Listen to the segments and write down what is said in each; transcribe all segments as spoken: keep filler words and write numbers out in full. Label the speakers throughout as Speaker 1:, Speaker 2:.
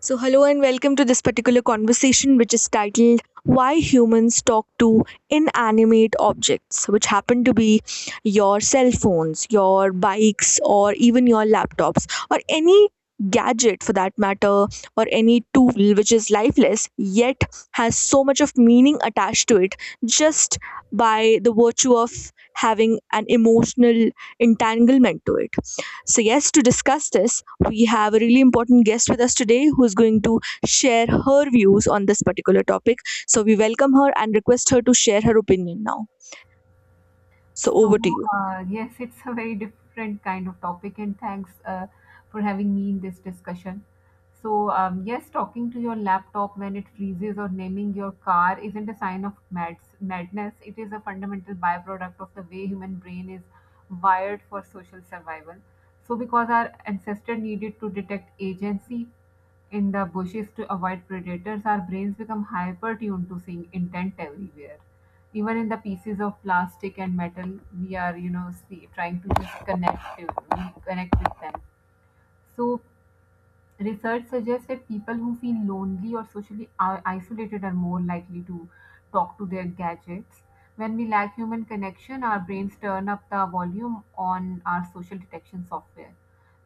Speaker 1: So, hello and welcome to this particular conversation, which is titled Why Humans Talk to Inanimate Objects, which happen to be your cell phones, your bikes, or even your laptops, or any gadget for that matter, or any tool which is lifeless yet has so much of meaning attached to it just by the virtue of having an emotional entanglement to it. So, yes, to discuss this, we have a really important guest with us today who is going to share her views on this particular topic. So we welcome her and request her to share her opinion now. So over
Speaker 2: So,
Speaker 1: to you.
Speaker 2: uh, yes, it's a very different kind of topic, and thanks uh, for having me in this discussion. So, um, yes, talking to your laptop when it freezes or naming your car isn't a sign of mads- madness. It is a fundamental byproduct of the way human brain is wired for social survival. So, because our ancestor needed to detect agency in the bushes to avoid predators, our brains become hyper tuned to seeing intent everywhere even in the pieces of plastic and metal we are you know see, trying to just connect to- connect with them. So research suggests that people who feel lonely or socially i- isolated are more likely to talk to their gadgets. When we lack human connection, our brains turn up the volume on our social detection software.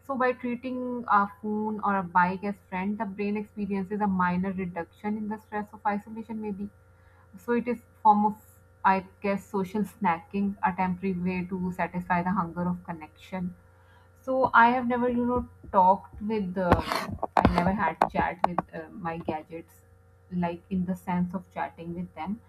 Speaker 2: So by treating a phone or a bike as friend, the brain experiences a minor reduction in the stress of isolation maybe. So it is form of, I guess, social snacking, a temporary way to satisfy the hunger of connection. So I have never, you know, talked with, uh, I never had chat with uh, my gadgets, like in the sense of chatting with them.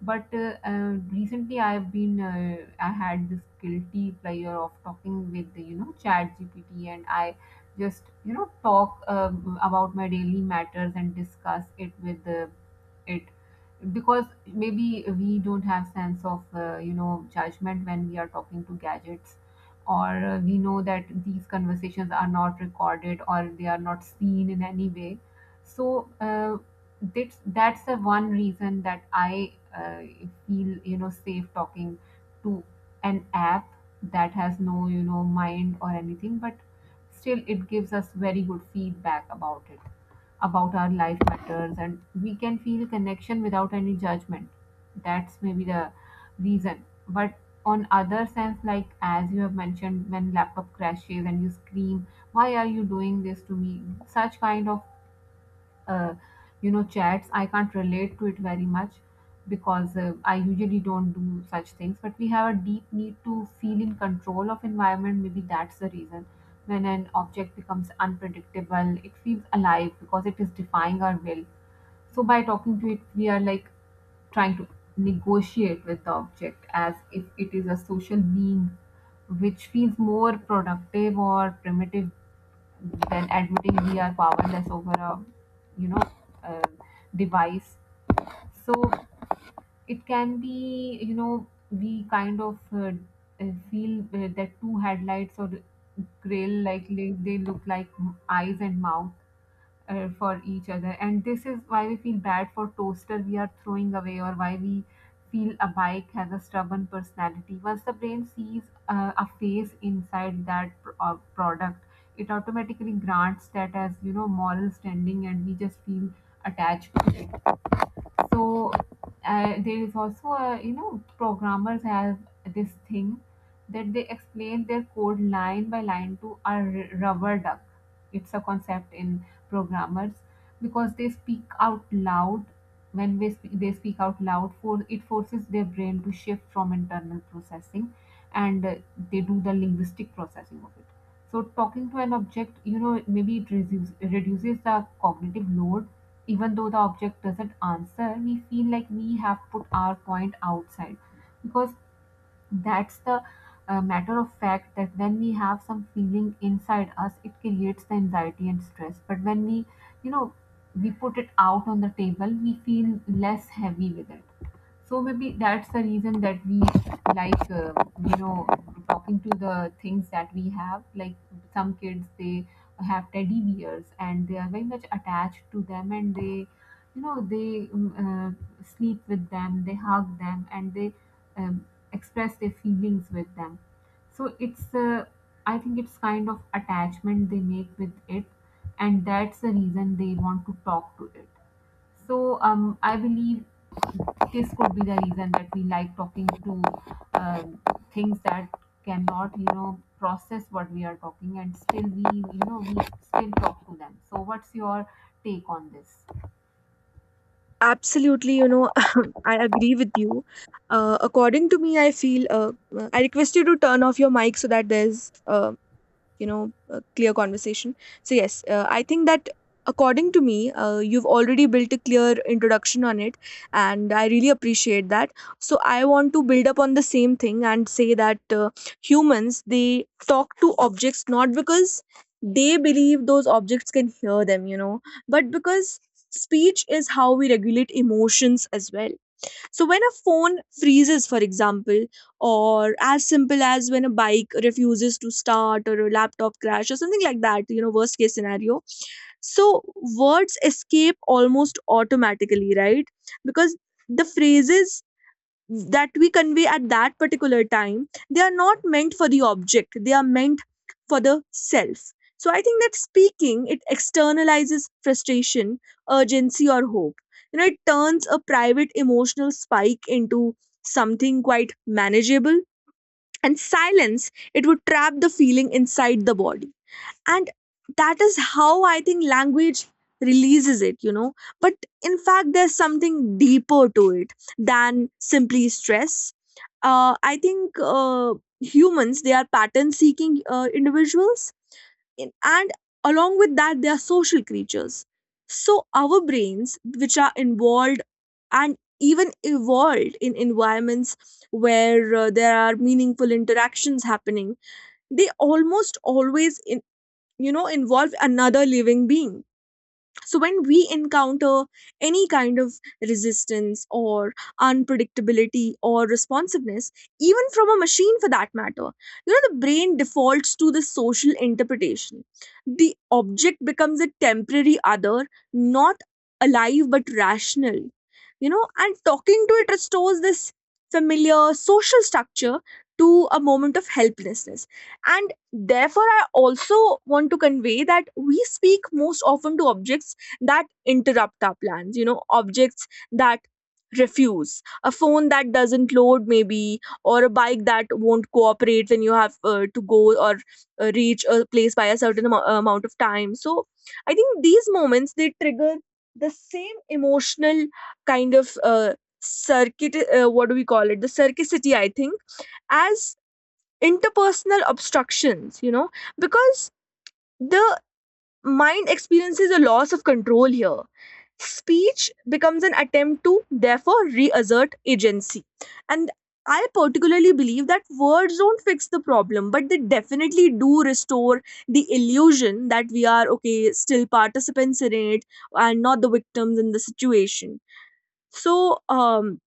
Speaker 2: But uh, uh, recently I have been, uh, I had this guilty pleasure of talking with, you know, chat G P T, and I just, you know, talk um, about my daily matters and discuss it with uh, it, because maybe we don't have sense of uh, you know judgment when we are talking to gadgets, or uh, we know that these conversations are not recorded or they are not seen in any way. So uh, that's that's the one reason that I uh, feel you know safe talking to an app that has no you know mind or anything, but still it gives us very good feedback about it, about our life matters, and we can feel connection without any judgment. That's maybe the reason. But on other sense, like as you have mentioned, when laptop crashes and you scream, "Why are you doing this to me?", such kind of uh, you know chats I can't relate to it very much, because uh, I usually don't do such things. But we have a deep need to feel in control of environment, maybe that's the reason. When an object becomes unpredictable, it feels alive because it is defying our will. So by talking to it, we are like trying to negotiate with the object as if it is a social being, which feels more productive or primitive then admitting we are powerless over a you know uh, device. So it can be, you know, we kind of uh, uh, feel uh, that two headlights or grail, like they they look like eyes and mouth uh, for each other. And this is why we feel bad for toaster we are throwing away, or why we feel a bike has a stubborn personality. Once the brain sees uh, a face inside that pr- uh, product, it automatically grants that as, you know, moral standing, and we just feel attached to it. So uh, there is also a, you know, programmers have this thing that they explain their code line by line to a r- rubber duck. It's a concept in programmers, because they speak out loud. When we sp- they speak out loud for it forces their brain to shift from internal processing, and uh, they do the linguistic processing of it. So talking to an object, you know, maybe it reduces reduces the cognitive load. Even though the object doesn't answer, we feel like we have put our point outside. Because that's the uh, matter of fact that when we have some feeling inside us, it creates the anxiety and stress. But when we, you know, we put it out on the table, we feel less heavy with it. So maybe that's the reason that we like uh, you know talking to the things that we have. Like some kids, they have teddy bears and they are very much attached to them, and they, you know, they um, uh, sleep with them, they hug them, and they um, express their feelings with them. So it's uh, I think it's kind of attachment they make with it, and that's the reason they want to talk to it. So um, I believe this could be the reason that we like talking to um, things that cannot, you know, process what we are talking, and still we, you know, we still talk to them. So what's your take on this?
Speaker 1: Absolutely, you know, I agree with you. Uh, according to me, I feel uh, I request you to turn off your mic so that there's uh, you know a clear conversation. So yes, uh, I think that according to me, uh, you've already built a clear introduction on it, and I really appreciate that. So I want to build up on the same thing and say that uh, humans, they talk to objects not because they believe those objects can hear them, you know, but because speech is how we regulate emotions as well. So when a phone freezes, for example, or as simple as when a bike refuses to start or a laptop crash or something like that, you know, worst case scenario. So words escape almost automatically, right? Because the phrases that we convey at that particular time, they are not meant for the object, they are meant for the self. So I think that speaking it externalizes frustration, urgency, or hope. You know, it turns a private emotional spike into something quite manageable, and silence, it would trap the feeling inside the body. And that is how I think language releases it, you know. But in fact, there's something deeper to it than simply stress. Uh, i think uh, humans, they are pattern seeking uh, individuals, in- and along with that they are social creatures. So our brains, which are involved and even evolved in environments where uh, there are meaningful interactions happening, they almost always, you know, involve another living being. So when we encounter any kind of resistance or unpredictability or responsiveness, even from a machine for that matter, you know, the brain defaults to the social interpretation. The object becomes a temporary other, not alive but rational. You know, and talking to it restores this familiar social structure to a moment of helplessness. And therefore, I also want to convey that we speak most often to objects that interrupt our plans, you know, objects that refuse, a phone that doesn't load, maybe, or a bike that won't cooperate when you have uh, to go or uh, reach a place by a certain amo- amount of time. So, I think these moments they trigger the same emotional kind of uh, circuit, uh, what do we call it, the circuitry, I think, as interpersonal obstructions, you know, because the mind experiences a loss of control here. Speech becomes an attempt to, therefore, reassert agency. And I particularly believe that words don't fix the problem, but they definitely do restore the illusion that we are, okay, still participants in it and not the victims in the situation. So, um,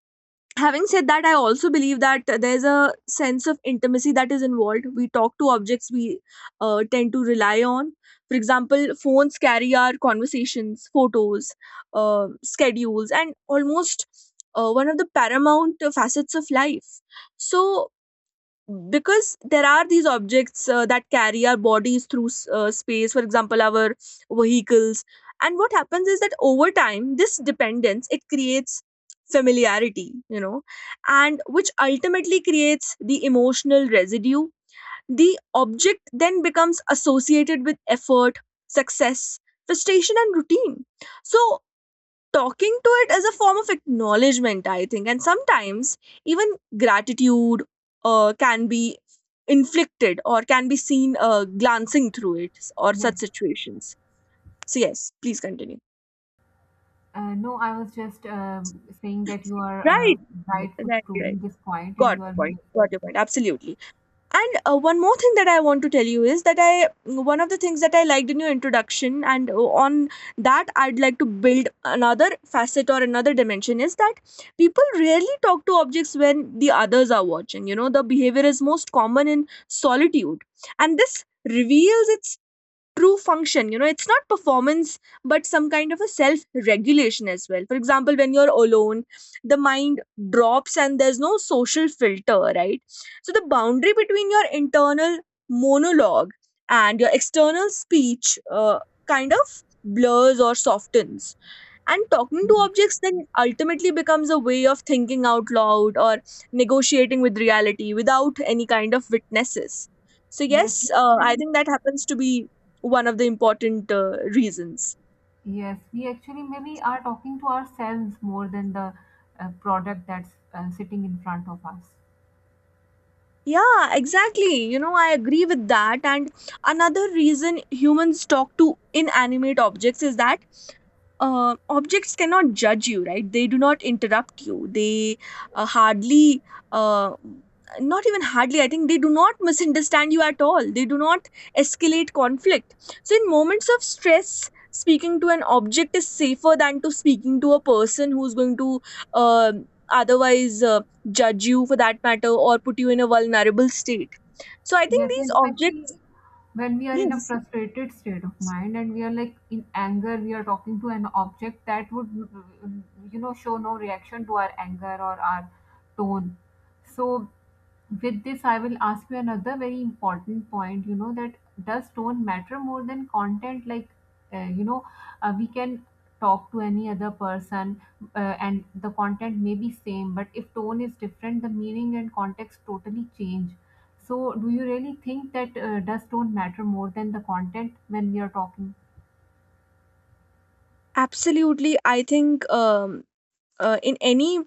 Speaker 1: having said that, I also believe that there's a sense of intimacy that is involved. We talk to objects we uh, tend to rely on. For example, phones carry our conversations, photos, uh, schedules, and almost uh, one of the paramount uh, facets of life. So, because there are these objects uh, that carry our bodies through s- uh, space, for example, our vehicles. And what happens is that over time this dependence, it creates familiarity, you know, and which ultimately creates the emotional residue. The object then becomes associated with effort, success, frustration, and routine. So talking to it is a form of acknowledgement, I think. And sometimes even gratitude uh, can be inflicted or can be seen uh, glancing through it or such
Speaker 2: Yes.
Speaker 1: situations. So, yes, please continue.
Speaker 2: Uh, no, I was just um saying that you are uh,
Speaker 1: Right.
Speaker 2: rightfully
Speaker 1: Right, right.
Speaker 2: proving this point, and
Speaker 1: Got
Speaker 2: you
Speaker 1: your
Speaker 2: are
Speaker 1: point. Got your point. Absolutely. And uh, one more thing that I want to tell you is that I one of the things that I liked in your introduction, and uh, on that I'd like to build another facet or another dimension is that people rarely talk to objects when the others are watching. You know, the behavior is most common in solitude, and this reveals its true function. You know, it's not performance, but some kind of a self regulation as well. For example, when you're alone, the mind drops and there's no social filter, right? So the boundary between your internal monologue and your external speech uh, kind of blurs or softens, and talking to objects then ultimately becomes a way of thinking out loud or negotiating with reality without any kind of witnesses. So,
Speaker 2: yes,
Speaker 1: yes,
Speaker 2: yes,
Speaker 1: uh,
Speaker 2: we
Speaker 1: I
Speaker 2: actually
Speaker 1: think that happens to be one of the important uh, reasons.
Speaker 2: yes, we actually maybe are talking to ourselves more than the uh, product that's uh, sitting in front of us.
Speaker 1: Yeah, exactly. You know, I agree with that. And another reason humans talk to inanimate objects is that uh, objects cannot judge you, right? They do not interrupt you. They uh, hardly, uh, not even hardly, I think they do not misunderstand you at all. They do not escalate conflict. So, in moments of stress, speaking to an object is safer than to speaking to a person who's going to uh, otherwise Uh, judge you for that matter or put you in a vulnerable state. So I think
Speaker 2: Yes,
Speaker 1: these
Speaker 2: and especially
Speaker 1: objects
Speaker 2: when we are in a
Speaker 1: yes,
Speaker 2: frustrated state of mind and we are like in anger, we are talking to an object that would, you know, show no reaction to our anger or our tone. So, with this, I will ask you another very important point, you know, that does tone matter more than content? Like, uh, you know, uh, we can talk to any other person uh, and the content may be same, but if tone is different, the meaning and context totally change. So do you really think that uh, does tone matter more than the content when we are talking?
Speaker 1: absolutely. I think um, uh, In any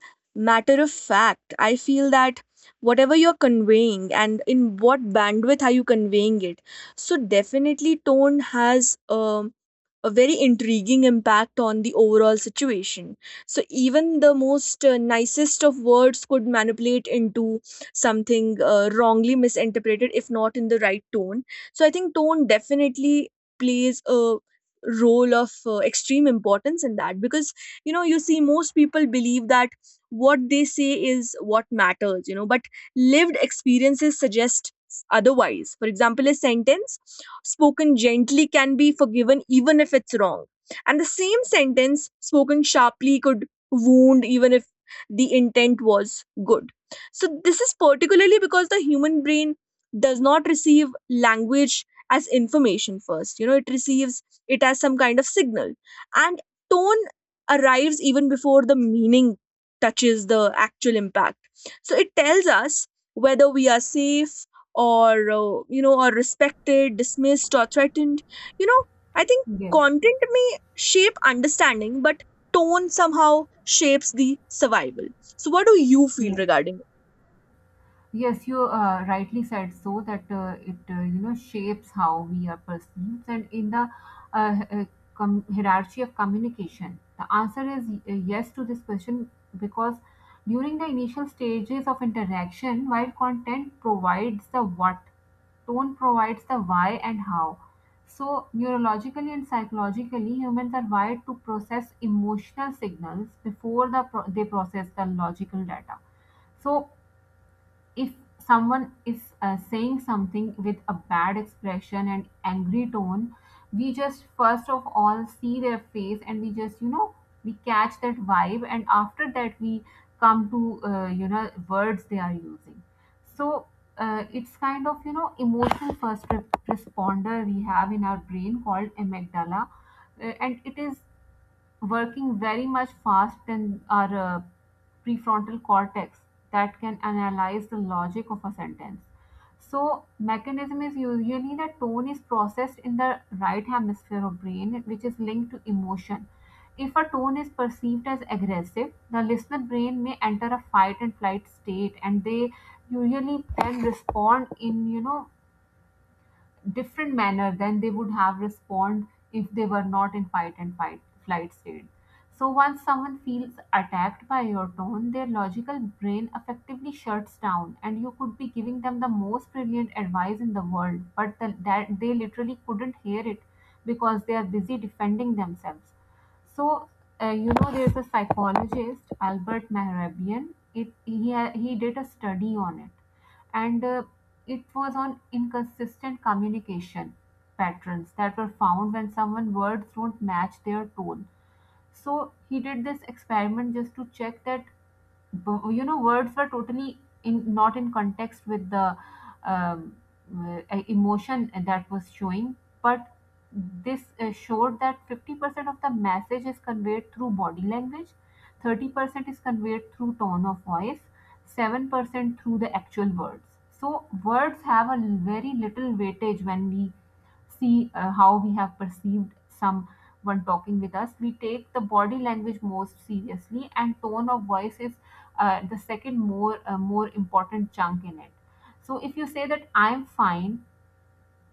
Speaker 1: matter of fact I feel that whatever you're conveying and in what bandwidth are you conveying it, so definitely tone has um, a very intriguing impact on the overall situation. So even the most uh, nicest of words could manipulate into something uh, wrongly misinterpreted if not in the right tone. So I think tone definitely plays a role of uh, extreme importance in that. Because you know, you see, most people believe that what they say is what matters, you know, but lived experiences suggest otherwise. For example, a sentence spoken gently can be forgiven even if it's wrong, and the same sentence spoken sharply could wound even if the intent was good. So this is particularly because the human brain does not receive language as information first, you know, it receives it as some kind of signal. And tone arrives even before the meaning touches the actual impact. So it tells us whether we are safe or uh, you know, or respected, dismissed, or threatened. You know, I think
Speaker 2: Yes.
Speaker 1: content may shape understanding, but tone somehow shapes the survival. So what do you feel
Speaker 2: Yes.
Speaker 1: regarding
Speaker 2: Yes, you uh, rightly said so, that uh, it uh, you know shapes how we are perceived and in the uh, h- uh, com- hierarchy of communication. The answer is uh, yes to this question, because during the initial stages of interaction, while content provides the what, tone provides the why and how. So neurologically and psychologically, humans are wired to process emotional signals before the pro- they process the logical data. So if someone is uh, saying something with a bad expression and angry tone, we just first of all see their face, and we just, you know, we catch that vibe, and after that we come to uh, you know, words they are using. So uh, it's kind of, you know, emotional first re- responder we have in our brain, called amygdala, uh, and it is working very much fast in our uh, prefrontal cortex that can analyze the logic of a sentence. So mechanism is usually that tone is processed in the right hemisphere of brain, which is linked to emotion. If a tone is perceived as aggressive, the listener brain may enter a fight and flight state, and they usually then respond in, you know, different manner than they would have respond if they were not in fight and fight flight state. So once someone feels attacked by your tone, their logical brain effectively shuts down, and you could be giving them the most brilliant advice in the world, but the, that they literally couldn't hear it because they are busy defending themselves. So, uh, you know, there's a psychologist, Albert Mehrabian. It, he, ha- he did a study on it, and uh, it was on inconsistent communication patterns that were found when someone words don't match their tone. So, he did this experiment just to check that bu- you know, words were totally in not in context with the um, uh, emotion that was showing. But this uh, showed that fifty percent of the message is conveyed through body language, thirty percent is conveyed through tone of voice, seven percent through the actual words. So words have a very little weightage when we see uh, how we have perceived someone talking with us. We take the body language most seriously, and tone of voice is uh, the second more uh, more important chunk in it. So if you say that I'm fine,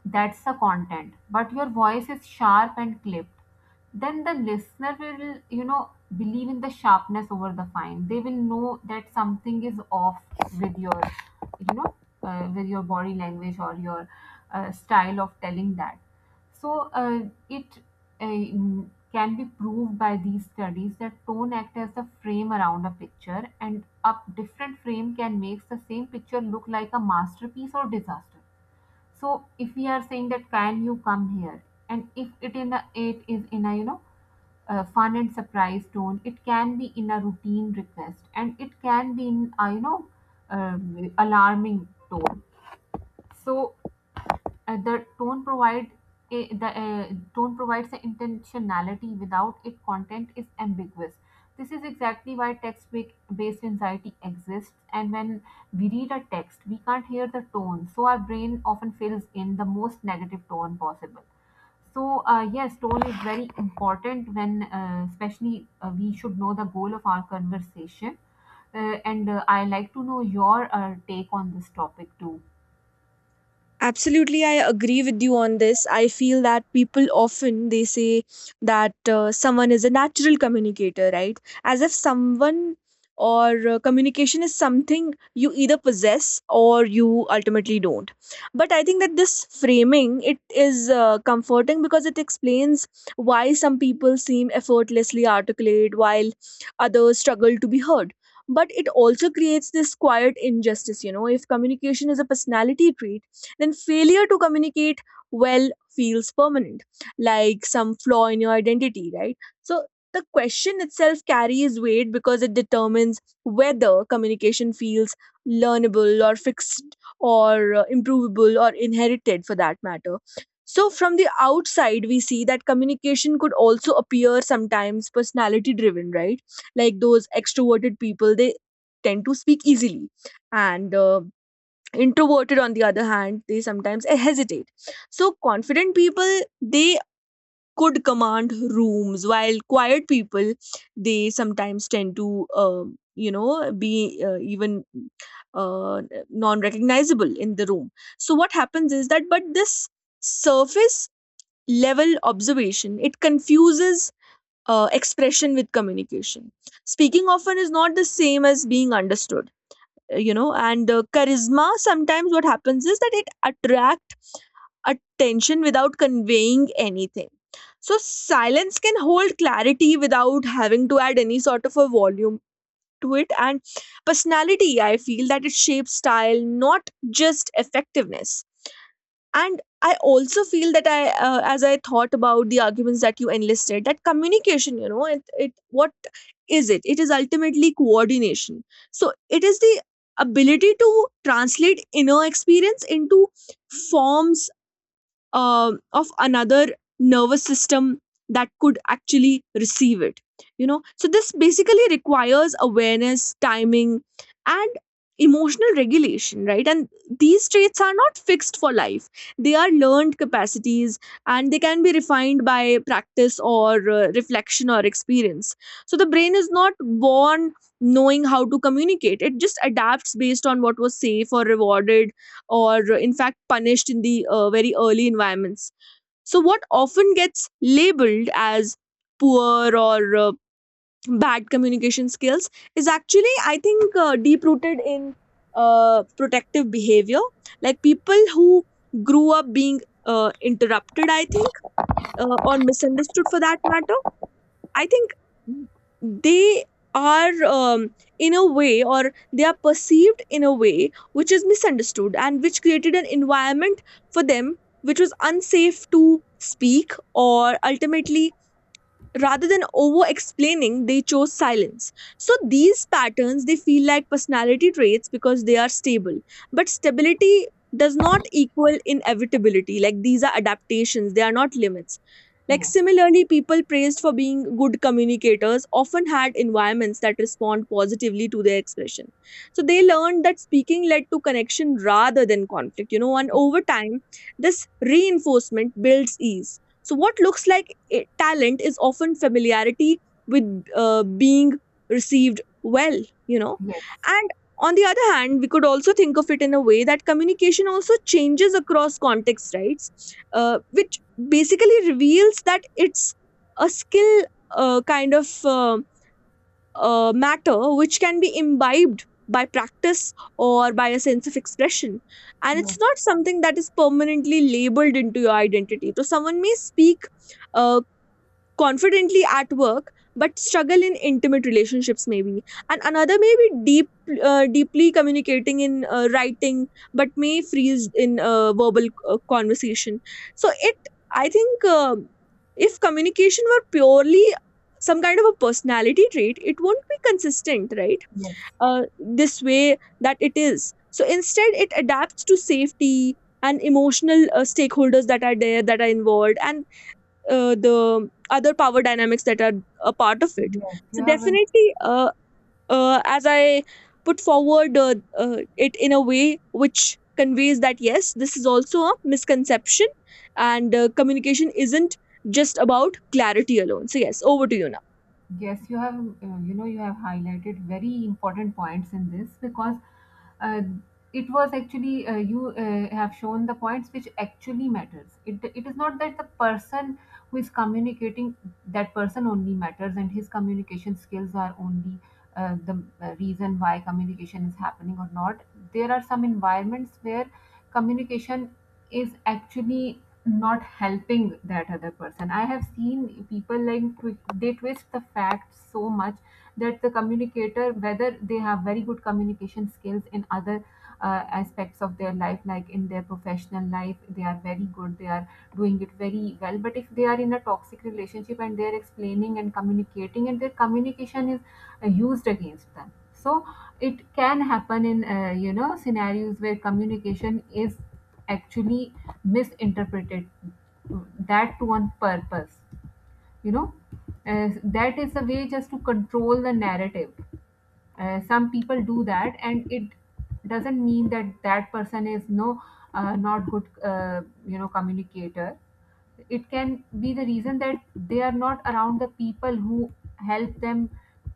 Speaker 2: that's the content. But your voice is sharp and clipped. Then the listener will, you know, believe in the sharpness over the fine. They will know that something is off with your, you know, uh, with your body language or your uh, style of telling that. So uh, it uh, can be proved by these studies that tone acts as the frame around a picture, and a different frame can make the same picture look like a masterpiece or disaster. So if we are saying that can you come here, and if it in a it is in a, you know, uh, fun and surprise tone, it can be in a routine request, and it can be in a, you know, um, alarming tone. So uh, the tone provide a, the uh, tone provides the intentionality. Without it, content is ambiguous. This is exactly why text based anxiety exists. And when we read a text, we can't hear the tone, so our brain often fills in the most negative tone possible. So uh, yes, tone is very important when, uh, especially, uh, we should know the goal of our conversation. Uh, and uh, I like to know your uh, take on this topic too.
Speaker 1: absolutely, I agree with you on this. I feel that people often they say that uh, someone is a natural communicator, right? As if someone or uh, communication is something you either possess or you ultimately don't. But I think that this framing, it is uh, comforting because it explains why some people seem effortlessly articulate while others struggle to be heard. But it also creates this quiet injustice, you know. If communication is a personality trait, then failure to communicate well feels permanent, like some flaw in your identity, right? So the question itself carries weight because it determines whether communication feels learnable or fixed or uh, improvable or inherited for that matter. So, from the outside, we see that communication could also appear sometimes personality driven, right? Like those extroverted people, they tend to speak easily, and uh, introverted on the other hand, they sometimes eh, hesitate. So confident people, they could command rooms, while quiet people, they sometimes tend to um, you know, be uh, even uh, non recognizable in the room. So what happens is that, but this surface level observation, it confuses uh, expression with communication. Speaking often is not the same as being understood, you know. And the charisma, sometimes what happens is that it attract attention without conveying anything. So silence can hold clarity without having to add any sort of a volume to it. And personality, I feel that it shapes style, not just effectiveness. And I also feel that I, uh, as I thought about the arguments that you enlisted, that communication, you know, it, it, what is it? It is ultimately coordination. So it is the ability to translate inner experience into forms uh, of another nervous system that could actually receive it, you know. So this basically requires awareness, timing, and emotional regulation, right? And these traits are not fixed for life, they are learned capacities, and they can be refined by practice or uh, reflection or experience. So the brain is not born knowing how to communicate, it just adapts based on what was safe or rewarded or uh, in fact punished in the uh, very early environments. So, what often gets labeled as poor or uh, bad communication skills is actually, I think, uh, deep rooted in uh, protective behavior. Like people who grew up being uh, interrupted, I think, uh, or misunderstood for that matter, I think they are um, in a way, or they are perceived in a way which is misunderstood, and which created an environment for them which was unsafe to speak, or ultimately, rather than over explaining, they chose silence. So these patterns, they feel like personality traits because they are stable. But stability does not equal inevitability, like these are adaptations, they are not limits. Like
Speaker 2: Yes,
Speaker 1: similarly, people praised for being good communicators often had environments that respond positively to their expression. So they learned that speaking led to connection rather than conflict, you know, and
Speaker 2: yes,
Speaker 1: over time this reinforcement builds ease. So what looks like it, talent is often familiarity with uh, being received well, you know.
Speaker 2: yes.
Speaker 1: And on the other hand, we could also think of it in a way that communication also changes across contexts, right? Uh, which basically reveals that it's a skill uh, kind of uh, uh, matter which can be imbibed by practice or by a sense of expression, and it's
Speaker 2: Yes,
Speaker 1: not something that is permanently labeled into your identity. So someone may speak uh, confidently at work but struggle in intimate relationships, maybe. And another may be deep uh, deeply communicating in uh, writing but may freeze in uh, verbal uh, conversation. So it i think um, if communication were purely some kind of a personality trait, it won't be consistent, right?
Speaker 2: yes,
Speaker 1: Uh, this way that it is. So instead, it adapts to safety and emotional uh, stakeholders that are there, that are involved, and uh, the other power dynamics that are a part of it.
Speaker 2: yes. You
Speaker 1: So
Speaker 2: have, um,
Speaker 1: definitely, uh, uh, as I put forward uh, uh, it in a way which conveys that yes, this is also a misconception, and uh, communication isn't just about clarity alone. So, yes, over to you now.
Speaker 2: yes, you have, um, uh, you know, you have highlighted very important points in this, because uh, it was actually, uh, you uh, have shown the points which actually matters. It it is not that the person who is communicating, that person only matters and his communication skills are only. Uh, the uh, reason why communication is happening or not, there are some environments where communication is actually not helping that other person. I have seen people like twi- they twist the facts so much that the communicator, whether they have very good communication skills in other uh, aspects of their life, like in their professional life, they are very good. They are doing it very well, but if they are in a toxic relationship and they are explaining and communicating, and their communication is uh, used against them. So it can happen in, uh, you know, scenarios where communication is actually misinterpreted, that to one purpose, you know. Uh, that is a way just to control the narrative. Uh, some people do that, and it doesn't mean that that person is no uh, not good, uh, you know, communicator. It can be the reason that they are not around the people who help them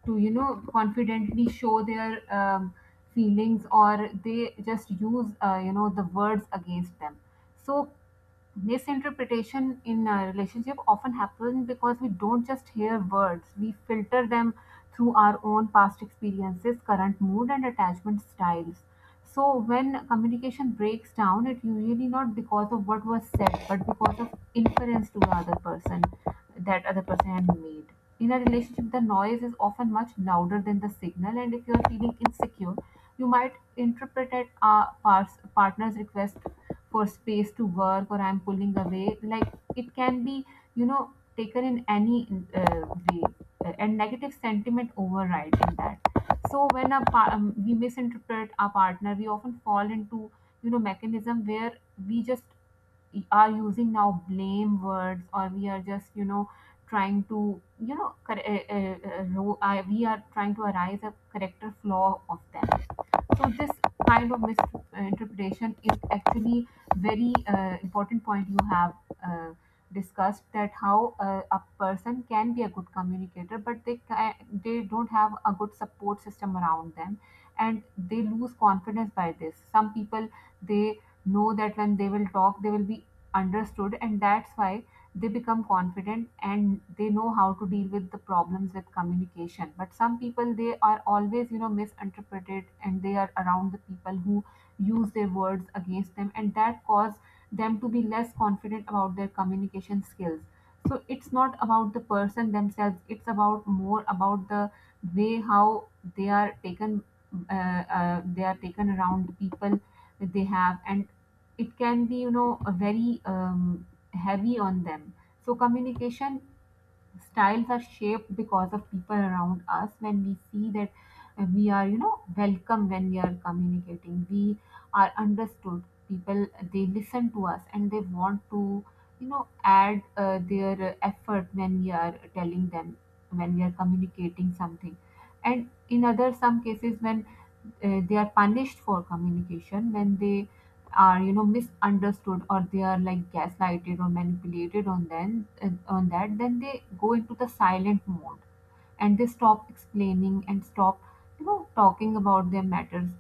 Speaker 2: to, you know, confidently show their, um, feelings, or they just use, uh, you know, the words against them. So misinterpretation in a relationship often happens because we don't just hear words, we filter them through our own past experiences, current mood, and attachment styles. So when communication breaks down, it usually not because of what was said, but because of inference to the other person that other person had made. In a relationship, the noise is often much louder than the signal, and if you are feeling insecure, you might interpret it a pars- partner's request for space to work or I'm pulling away. Like, it can be, you know, taken in any uh, way, uh, and negative sentiment override in that. So when a par- um, we misinterpret our partner, we often fall into, you know, mechanism where we just are using now blame words, or we are just, you know, trying to, you know, cor- uh, uh, uh, ro- uh, we are trying to arise a character flaw of them. So this kind of misinterpretation is actually very, uh, important point you have, uh, discussed, that how, uh, a person can be a good communicator but they ca- they don't have a good support system around them, and they lose confidence by this. Some people, they know that when they will talk they will be understood, and that's why they become confident and they know how to deal with the problems with communication. But some people, they are always, you know, misinterpreted, and they are around the people who use their words against them, and that cause them to be less confident about their communication skills. So it's not about the person themselves, it's about more about the way how they are taken, uh, uh, they are taken around the people that they have. And it can be, you know, a very, um, heavy on them. So communication styles are shaped because of people around us. When we see that, uh, we are, you know, welcome when we are communicating, we are understood, people, they listen to us and they want to, you know, add, uh, their, uh, effort when we are telling them, when we are communicating something. And in other some cases, when uh, they are punished for communication, when they are, you know, misunderstood, or they are like gaslighted or manipulated on them, uh, on that, then they go into the silent mode, and they stop explaining and stop, you know, talking about their matters.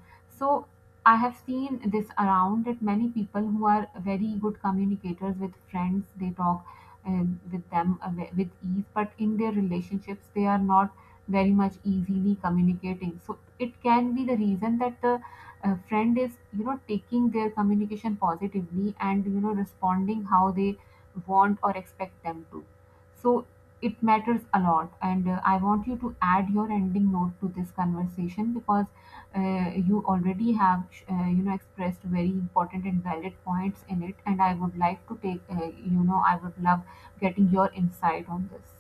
Speaker 2: So I have seen this around, that many people who are very good communicators with friends, they talk, um, with them, uh, wi- with ease, but in their relationships they are not very much easily communicating. So it can be the reason that the a friend is, you know, taking their communication positively and, you know, responding how they want or expect them to. So it matters a lot. And uh, I want you to add your ending note to this conversation, because uh, you already have sh- uh, you know, expressed very important and valid points in it. And I would like to take, uh, you know, I would love getting your insight on this.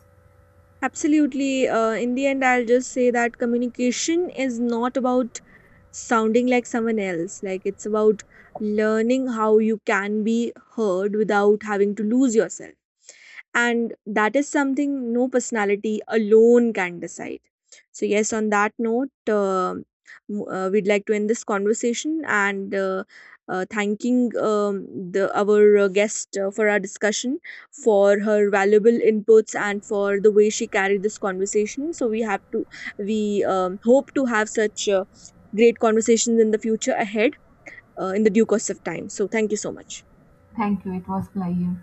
Speaker 1: Absolutely. Uh, in the end, I'll just say that communication is not about sounding like someone else. Like, it's about learning how you can be heard without having to lose yourself. And that is something no personality alone can decide. So, yes, on that note, um, m- uh, we'd like to end this conversation, and uh, uh, thanking um, the, our uh, guest uh, for our discussion, for her valuable inputs, and for the way she carried this conversation. So, we have to, we um, hope to have such uh, great conversations in the future ahead uh, in the due course of time. So, thank you so much.
Speaker 2: Thank you, it was pleasure.